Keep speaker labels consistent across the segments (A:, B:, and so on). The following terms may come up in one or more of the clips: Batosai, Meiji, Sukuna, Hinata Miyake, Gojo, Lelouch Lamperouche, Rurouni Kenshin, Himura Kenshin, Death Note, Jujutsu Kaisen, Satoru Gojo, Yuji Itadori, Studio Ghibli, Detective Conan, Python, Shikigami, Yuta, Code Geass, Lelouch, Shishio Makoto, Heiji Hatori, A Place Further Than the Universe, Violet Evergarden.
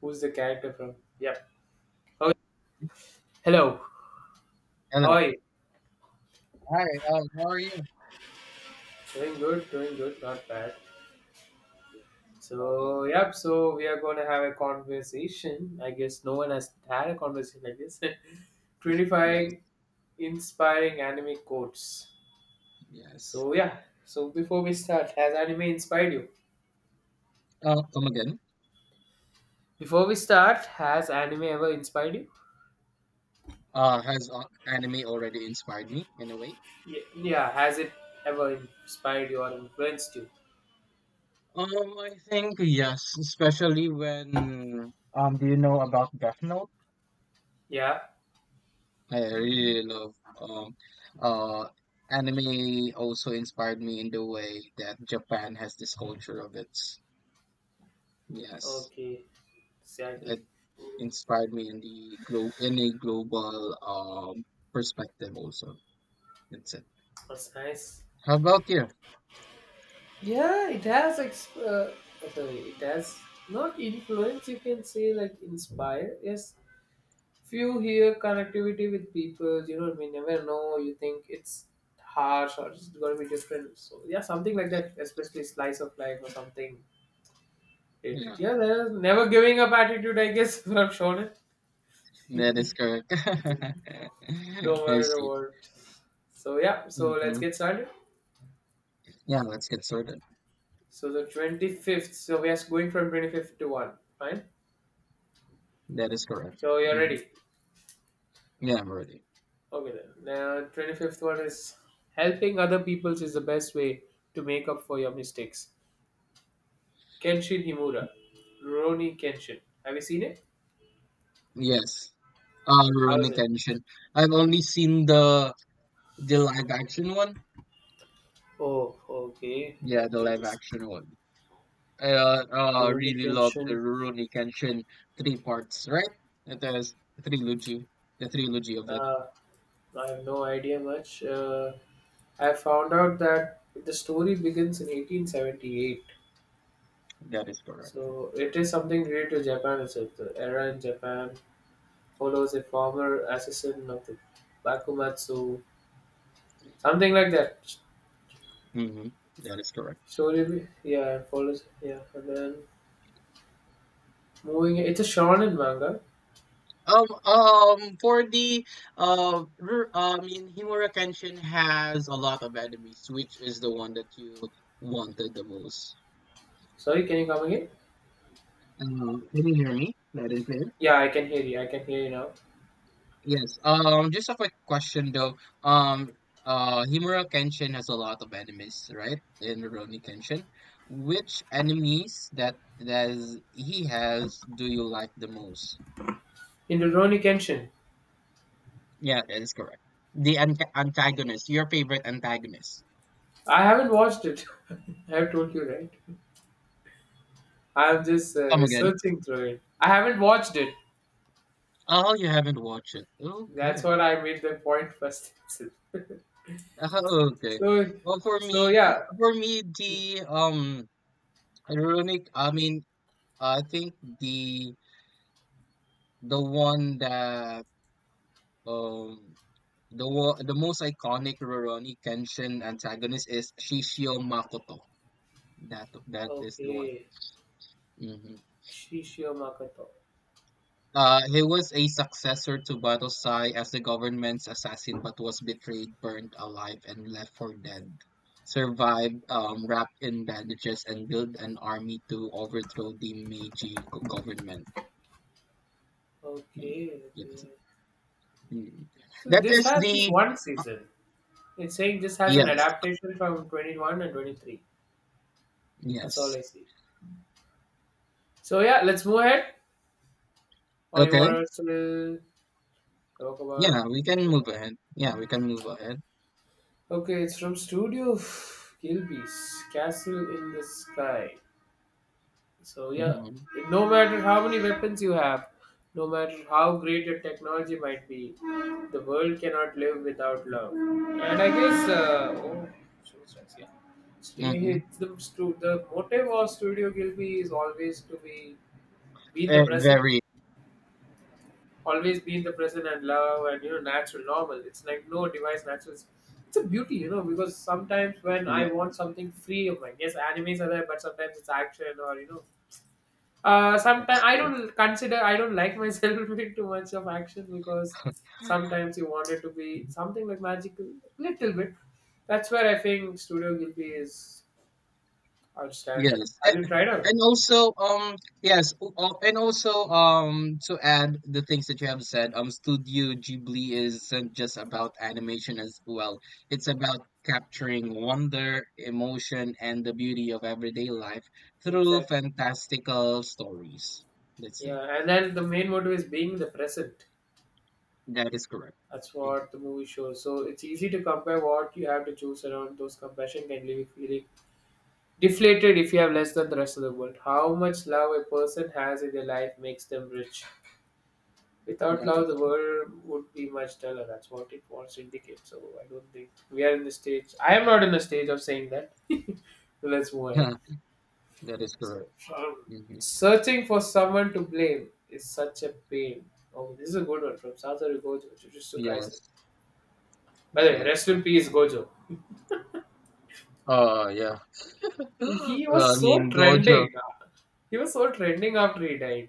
A: Who's the character from? Yep. Oh, hello. How
B: Hello.
A: are you?
B: Hi. How are you?
A: Doing good, doing good, not bad. So,
B: Um,
A: yep. So we are gonna have a conversation. I guess no one has had a conversation like this.
B: yes.
A: 25 inspiring anime quotes.
B: Yes.
A: So yeah. So before we start, has anime inspired you?
B: Come again.
A: Before we start, has anime ever inspired you?
B: Has anime already inspired me in a way?
A: Yeah, yeah. Has it ever inspired you or influenced you?
B: Um, I think yes, especially when do you know about Death Note?
A: Yeah.
B: I really love um, uh, anime. Also inspired me in the way that Japan has this culture of its. Yes,
A: Okay. Exactly.
B: it inspired me in the glo in a global perspective. Also, that's it.
A: That's nice.
B: How about you?
A: Yeah, it has sorry, it has not influence. You can say like inspire. Yes, few here connectivity with people, you know, we never know. You think it's harsh or it's going to be different. So yeah, something like that, especially slice of life or something related.
B: Yeah,
A: Yeah, there's never giving up attitude. I guess from Shonen, no
B: that is correct. I
A: matter
B: see.
A: what. So yeah, so let's
B: hmm
A: get started.
B: Yeah, let's get started.
A: So the 25th. So we are going from 25th to one. Fine.
B: That is correct.
A: So you're
B: hmm
A: ready.
B: Yeah, I'm ready.
A: Okay then. Now, 25th one is helping other people's is the best way to make up for your mistakes. Kenshin Himura, Rurouni Kenshin. Have you seen it?
B: Yes.
A: How is
B: Rurouni
A: it?
B: Kenshin. I've only seen the live action one.
A: Oh, okay.
B: Yeah,
A: Let
B: the
A: me
B: live
A: just.
B: action one. I
A: Rurouni
B: really love
A: Kenshin.
B: the Rurouni Kenshin three parts, right? It is trilogy, the trilogy of it.
A: Uh, I have no idea much. I found out that the story begins in 1878.
B: That is correct.
A: So it is something related to Japan itself. The era in Japan follows a former assassin of the Bakumatsu, something like that.
B: Mm-hmm. That is correct.
A: Story, yeah, it follows, yeah, and then moving. It's a shonen manga.
B: For the I mean, Himurakension has a lot of enemies, which is the one that you wanted the most.
A: Sorry, can you come again?
B: Can you hear me? That is it.
A: Yeah, I can hear you. I can hear you now.
B: Yes. Just a quick question though. Um, Himura Kenshin has a lot of enemies, right? In Rurouni Kenshin, which enemies that is, he has do you like the most?
A: In Rurouni Kenshin,
B: Yeah, that is correct. The antagonist, your favorite antagonist.
A: I haven't watched it. I have told you right. I'm just
B: Come again.
A: researching through it. I haven't watched it.
B: Oh, you haven't watched it.
A: That's
B: Okay.
A: what I made the point first.
B: Okay.
A: so,
B: Well,
A: so yeah.
B: for me, the ironic. I mean, I think the the one that um the one the most iconic Rurouni Kenshin antagonist is Shishio Makoto. That is the one.
A: Okay,
B: Mhm.
A: Shishio Makoto.
B: He was a successor to Batosai as the government's assassin, but was betrayed, burned alive, and left for dead. Survived, wrapped in bandages, and built an army to overthrow the Meiji government. Mm,
A: Okay, okay.
B: yes. Mm.
A: So
B: That
A: this
B: is
A: has this
B: the
A: one season. It's saying this has an
B: Yes,
A: adaptation from 21 and 23. That's all
B: yes.
A: I see. So yeah, let's move ahead. Or you
B: Okay,
A: want us to talk about
B: yeah,
A: it?
B: we can move
A: Yeah.
B: ahead. Yeah, we can move ahead.
A: Okay, it's from Studio Gilby's Castle in the Sky. So yeah,
B: Mm-hmm.
A: no matter how many weapons you have, no matter how great your technology might be, the world cannot live without love. And I guess yeah.
B: Mm-hmm.
A: It's the, the motive of Studio Gilby is always to be in the present,
B: Very,
A: always be in the present, and love and, you know, natural, normal. It's like no device, natural. It's a beauty, you know, because sometimes when I
B: yeah,
A: want something free of my, yes, animes are there, but sometimes it's action or, you know,
B: that
A: sometimes
B: is
A: I
B: true.
A: don't consider, I don't like myself doing too much of action because sometimes you want it to be something like magical, little bit. That's where I think Studio Ghibli is outstanding.
B: Yes,
A: Have
B: a-
A: you tried out?
B: and also, yes, and also, to add the things that you have said, Studio Ghibli isn't just about animation as well. It's about capturing wonder, emotion, and the beauty of everyday life through
A: Exactly.
B: fantastical stories. That's it.
A: Yeah, and then the main motive is being the present.
B: That is correct.
A: That's
B: Mhm.
A: what the movie shows. So it's easy to compare what you have to choose around. Those compassion can leave you feeling deflated if you have less than the rest of the world. How much love a person has in their life makes them rich. Without
B: That
A: love,
B: is
A: the
B: correct.
A: world would be much duller. That's what it wants to indicate. So I don't think we are in the stage. I am not in the stage of saying that. So let's move on.
B: That is
A: So
B: correct.
A: um,
B: hmm
A: searching for someone to blame is such a pain. Oh, this is a good one from Satoru Gojo, Jujutsu Kaisen.
B: Yes,
A: By the way,
B: that is
A: rest in
B: correct.
A: peace, Gojo.
B: Oh, yeah.
A: He was
B: I
A: so
B: mean, Gojo.
A: trending. He was so trending after he died.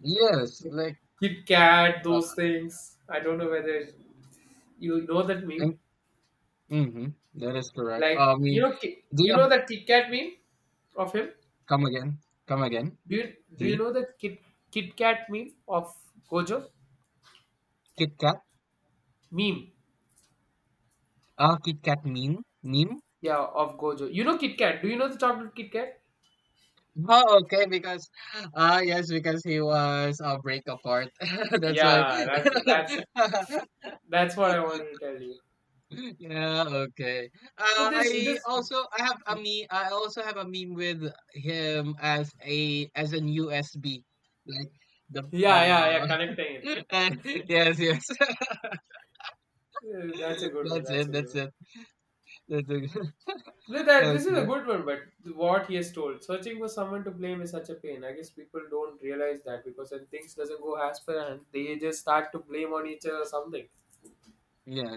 B: Yes, like.
A: Kit Kat, those things. I don't know whether you know that meme.
B: And mhm, that is correct.
A: Like,
B: I
A: you
B: mean,
A: know,
B: do
A: you know
B: you
A: that Kit Kat meme of him.
B: come again? Come again?
A: Do you
B: The
A: know that Kit Kat meme of Gojo
B: Kit Kat?
A: meme?
B: Ah, Kit Kat meme? Meme?
A: Yeah, of Gojo. You know Kit Kat. Do you know the chocolate Kit Kat?
B: Oh, okay, because ah yes, because he was a break apart. That's why.
A: Yeah, that's that's what I wanted to tell you.
B: Yeah, okay.
A: But this this
B: I have a meme. I also have a meme with him as a as an USB, like the
A: yeah, yeah, yeah,
B: uh
A: connecting it.
B: yes, yes.
A: That's a good one.
B: That's
A: That's a
B: it.
A: good
B: That's
A: one.
B: it. That's it.
A: No, that this is a
B: Okay.
A: good one, but what he has told, searching for someone to blame is such a pain. I guess people don't realize that because when things doesn't go as planned, they just start to blame on each other or something.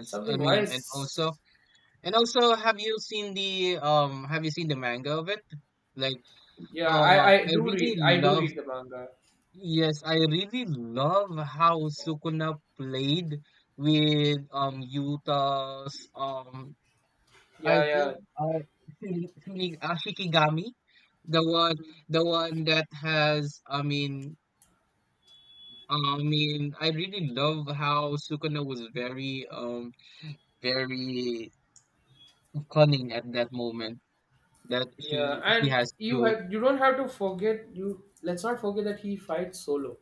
A: It's
B: I
A: something
B: mean,
A: wise.
B: and also, have you seen the um? Have you seen the manga of it? Like,
A: Yeah, I I
B: I
A: do
B: really
A: read I do
B: love.
A: read the manga.
B: Yes, I really love how Sukuna played with Yuta's. I
A: Yeah, yeah,
B: think Shikigami, the one, the one that has. I mean, I mean, I really love how Sukuna was very cunning at that moment that
A: yeah.
B: he
A: And
B: has
A: you
B: to
A: have, you don't have to forget you. Let's not forget that he fights solo.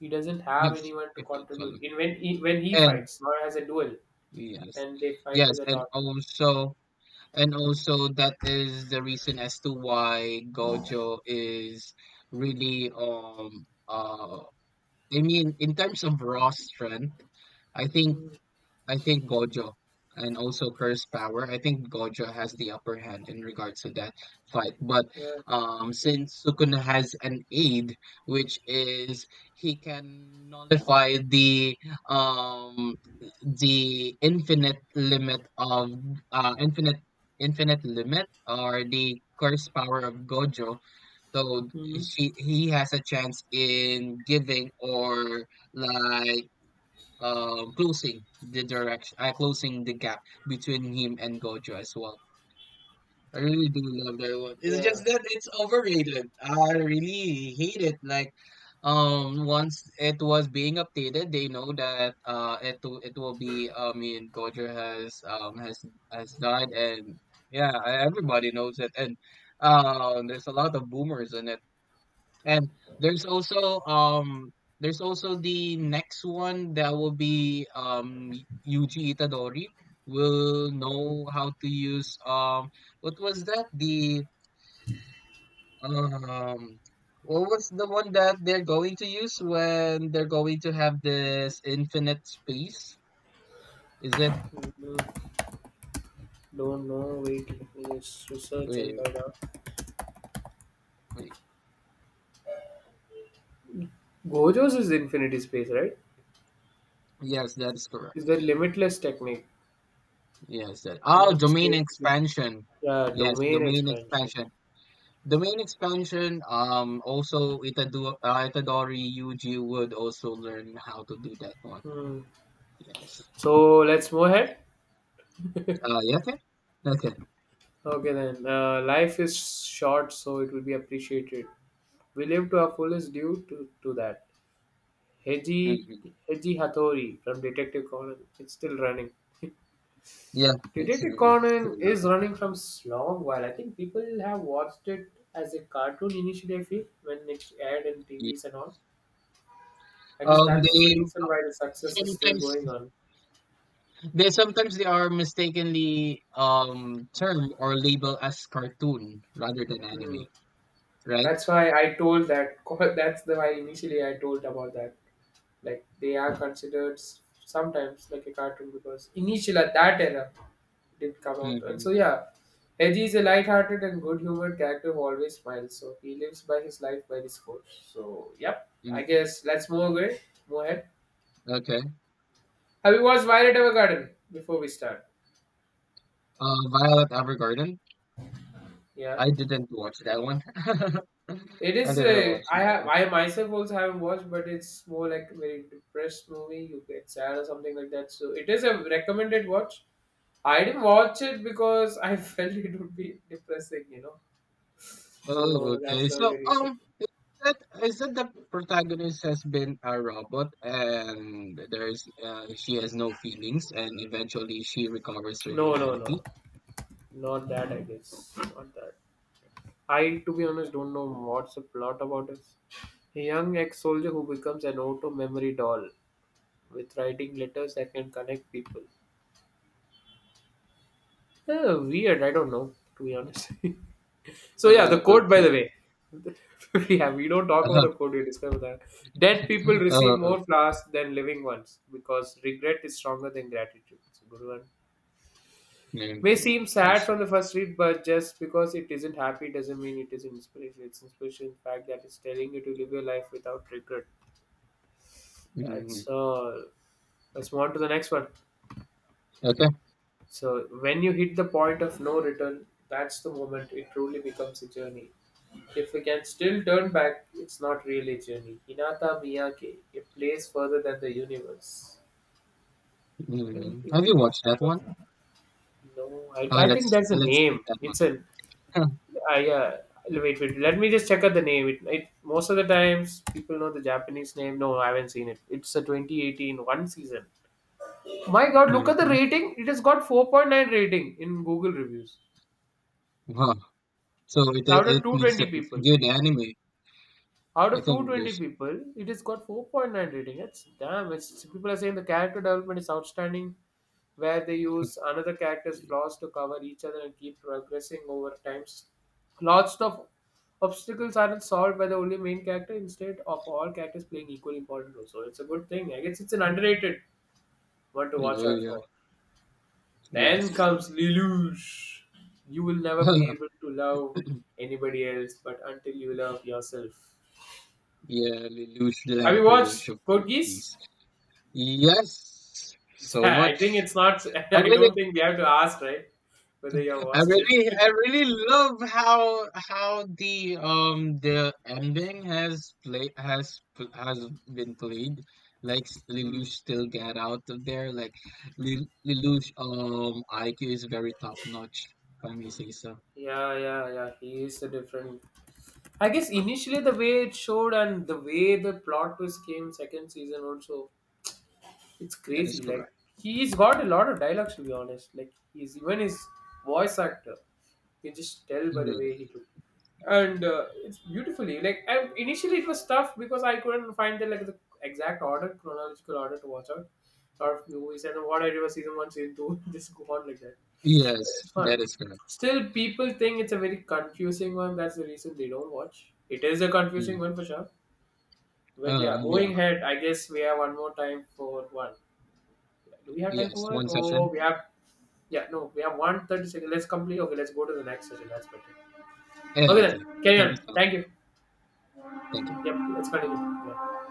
A: He doesn't have
B: yes
A: anyone to
B: if I tell
A: contribute
B: him.
A: in when when he
B: And
A: fights, not as a duel,
B: yes,
A: and they fight with
B: yes
A: a lot.
B: and also that is the reason as to why Gojo is really I mean in terms of raw strength I think I think Gojo and also Curse Power. I think Gojo has the upper hand in regards to that fight. But
A: Yeah.
B: since Sukuna has an aid, which is he can nullify um the infinite limit of uh infinite infinite limit or the curse power of Gojo. So
A: hmm
B: she he has a chance in giving or like closing the gap between him and Gojo as well. I really do love that one. It's
A: Yeah.
B: just that it's overrated. I really hate it. Like once it was being updated, they know that it will be I mean Gojo has has died and yeah, everybody knows it and there's a lot of boomers in it and there's also um there's also the next one that will be Yuji Itadori will
A: Hmm.
B: know how to use what was that? The um what was the one that they're going to use when they're going to have this infinite space? Is it
A: People Don't know. Wait, let research and
B: Wait,
A: data.
B: wait.
A: Gojo's is infinity space, right?
B: Yes, that's correct.
A: Is the limitless technique
B: Yes, that oh
A: amount of
B: domain
A: space?
B: expansion.
A: Yeah,
B: Yes,
A: domain
B: domain
A: expansion.
B: expansion. The main expansion, also Itadori, Itadori Yuji would also learn how to do that one.
A: Hmm.
B: Yes.
A: So let's move ahead.
B: Yeah, okay. Okay.
A: Okay then. Life is short, so it will be appreciated. We live to our fullest due to that. Heiji
B: hmm
A: Heiji Hatori from Detective Conan. It's still running.
B: Yeah, it's
A: Detektikkonen
B: still,
A: is
B: uh,
A: running from long while. I think people have watched it as a cartoon initially, I feel, when it aired in
B: yeah.
A: TVs and all. I guess that's the
B: They
A: reason why the success is still
B: sometimes
A: going on.
B: they are mistakenly termed or labeled as cartoon rather than
A: Hmm.
B: anime, right?
A: That's why I told that. That's the why initially I told about that. Like they are considered sometimes like a cartoon because initially at that era did come out. And
B: Mm-hmm.
A: so, yeah, Edgy is a light-hearted and good-humored character who always smiles. So he lives by his life by this quote. So, yep, I
B: hmm
A: guess let's move away. Move ahead.
B: Okay.
A: Have you watched Violet Evergarden before we start?
B: Violet Evergarden.
A: Yeah,
B: I didn't watch that one.
A: it
B: I
A: is.
B: didn't watch
A: I
B: that
A: have.
B: one.
A: I myself also haven't watched, but it's more like a very depressed movie. You get sad or something like that. So it is a recommended watch. I didn't watch it because I felt it would be depressing, you know.
B: Oh,
A: So that's
B: okay.
A: the only
B: So,
A: reason.
B: that is that the protagonist has been a robot and there's she has no feelings and eventually she recovers her
A: No, no, no.
B: humanity?
A: Not that, I guess. Not that. I, to be honest, don't know what's the plot about it. A young ex soldier who becomes an auto memory doll with writing letters that can connect people. Eh, weird, I don't know, to be honest. So, yeah, the quote, by
B: Okay.
A: the way. Yeah, we don't talk about
B: Uh-huh.
A: the quote, we discover that. Dead people receive
B: Oh,
A: more flowers than living ones because regret is stronger than gratitude. It's a good one.
B: okay.
A: May
B: Okay.
A: seem
B: I
A: sad
B: see.
A: from the first read, but just because it isn't happy doesn't mean it is inspiration. It's inspiration, in fact, that is telling you to live your life without regret.
B: hmm
A: That's all. Let's move on to the next one.
B: Okay.
A: So, when you hit the point of no return, that's the moment it truly becomes a journey. If we can still turn back, it's not really a journey. Hinata Miyake, a place further than the universe. Okay,
B: Have you
A: it's
B: watched
A: full
B: that one?
A: of- No, I think
B: Let's
A: that's a
B: let's skip
A: name.
B: that
A: It's an
B: one.
A: I yeah, wait, wait. Let me just check out the name. It most of the times people know the Japanese name. No, I haven't seen it. It's a 2018 one season. My God, look at the
B: hmm
A: rating. It has got 4.9 rating in Google reviews
B: Wow. So it
A: out of
B: it means that
A: 220
B: it's a
A: people.
B: good anime.
A: Out
B: I
A: of
B: think
A: 220
B: there's.
A: people it has got 4.9 rating, it's damn, it's, people are saying the character development is outstanding, where they use another character's flaws to cover each other and keep progressing over times. Lots of obstacles aren't solved by the only main character, instead of all characters playing equally important roles. So it's a good thing, I guess, it's an underrated one to
B: Yeah,
A: watch out
B: yeah,
A: for. Then
B: yes.
A: comes Lelouch. You will never be able to love anybody else but until you love yourself.
B: Yeah, Lelouch
A: Have you
B: Lamperouche
A: watched
B: of both
A: Code Geass?
B: these. Yes, so
A: I think
B: much.
A: it's not.
B: I
A: I
B: really,
A: don't think we have to ask, right? Whether you have watched it.
B: I really love how the ending has been played. Like
A: Hmm.
B: Lelouch still get out of there. Like Lelouch, IQ is very top notch. If I may say so,
A: Yeah, yeah, yeah. He is a different. I guess initially the way it showed and the way the plot twist came second season also. It's
B: that is
A: crazy. Like
B: correct.
A: he's got a lot of dialogues, to be honest. Like he's even his voice actor. You can just tell by the
B: Yeah.
A: way he took. And it's beautifully like, and initially it was tough because I couldn't find the, like, the exact order, chronological order to watch out sort of movies. And what I did was season one, season two, just go on like that. But
B: Yes,
A: it's
B: that
A: fun.
B: is correct.
A: Still, people think it's a very confusing one. That's the reason they don't watch. It is a confusing
B: Mm.
A: one for sure. But yeah, moving
B: Yeah,
A: ahead, I guess we have one more time for one. Do we have time for
B: yes,
A: one?
B: one
A: Oh,
B: session.
A: we have. Yeah, no, we have one thirty second. Let's complete. Okay, let's go to the next session. That's better.
B: Yeah,
A: Okay
B: okay.
A: then, carry
B: Thank
A: on.
B: you so
A: Thank
B: much.
A: you.
B: Thank you.
A: Yep, let's continue. Yeah.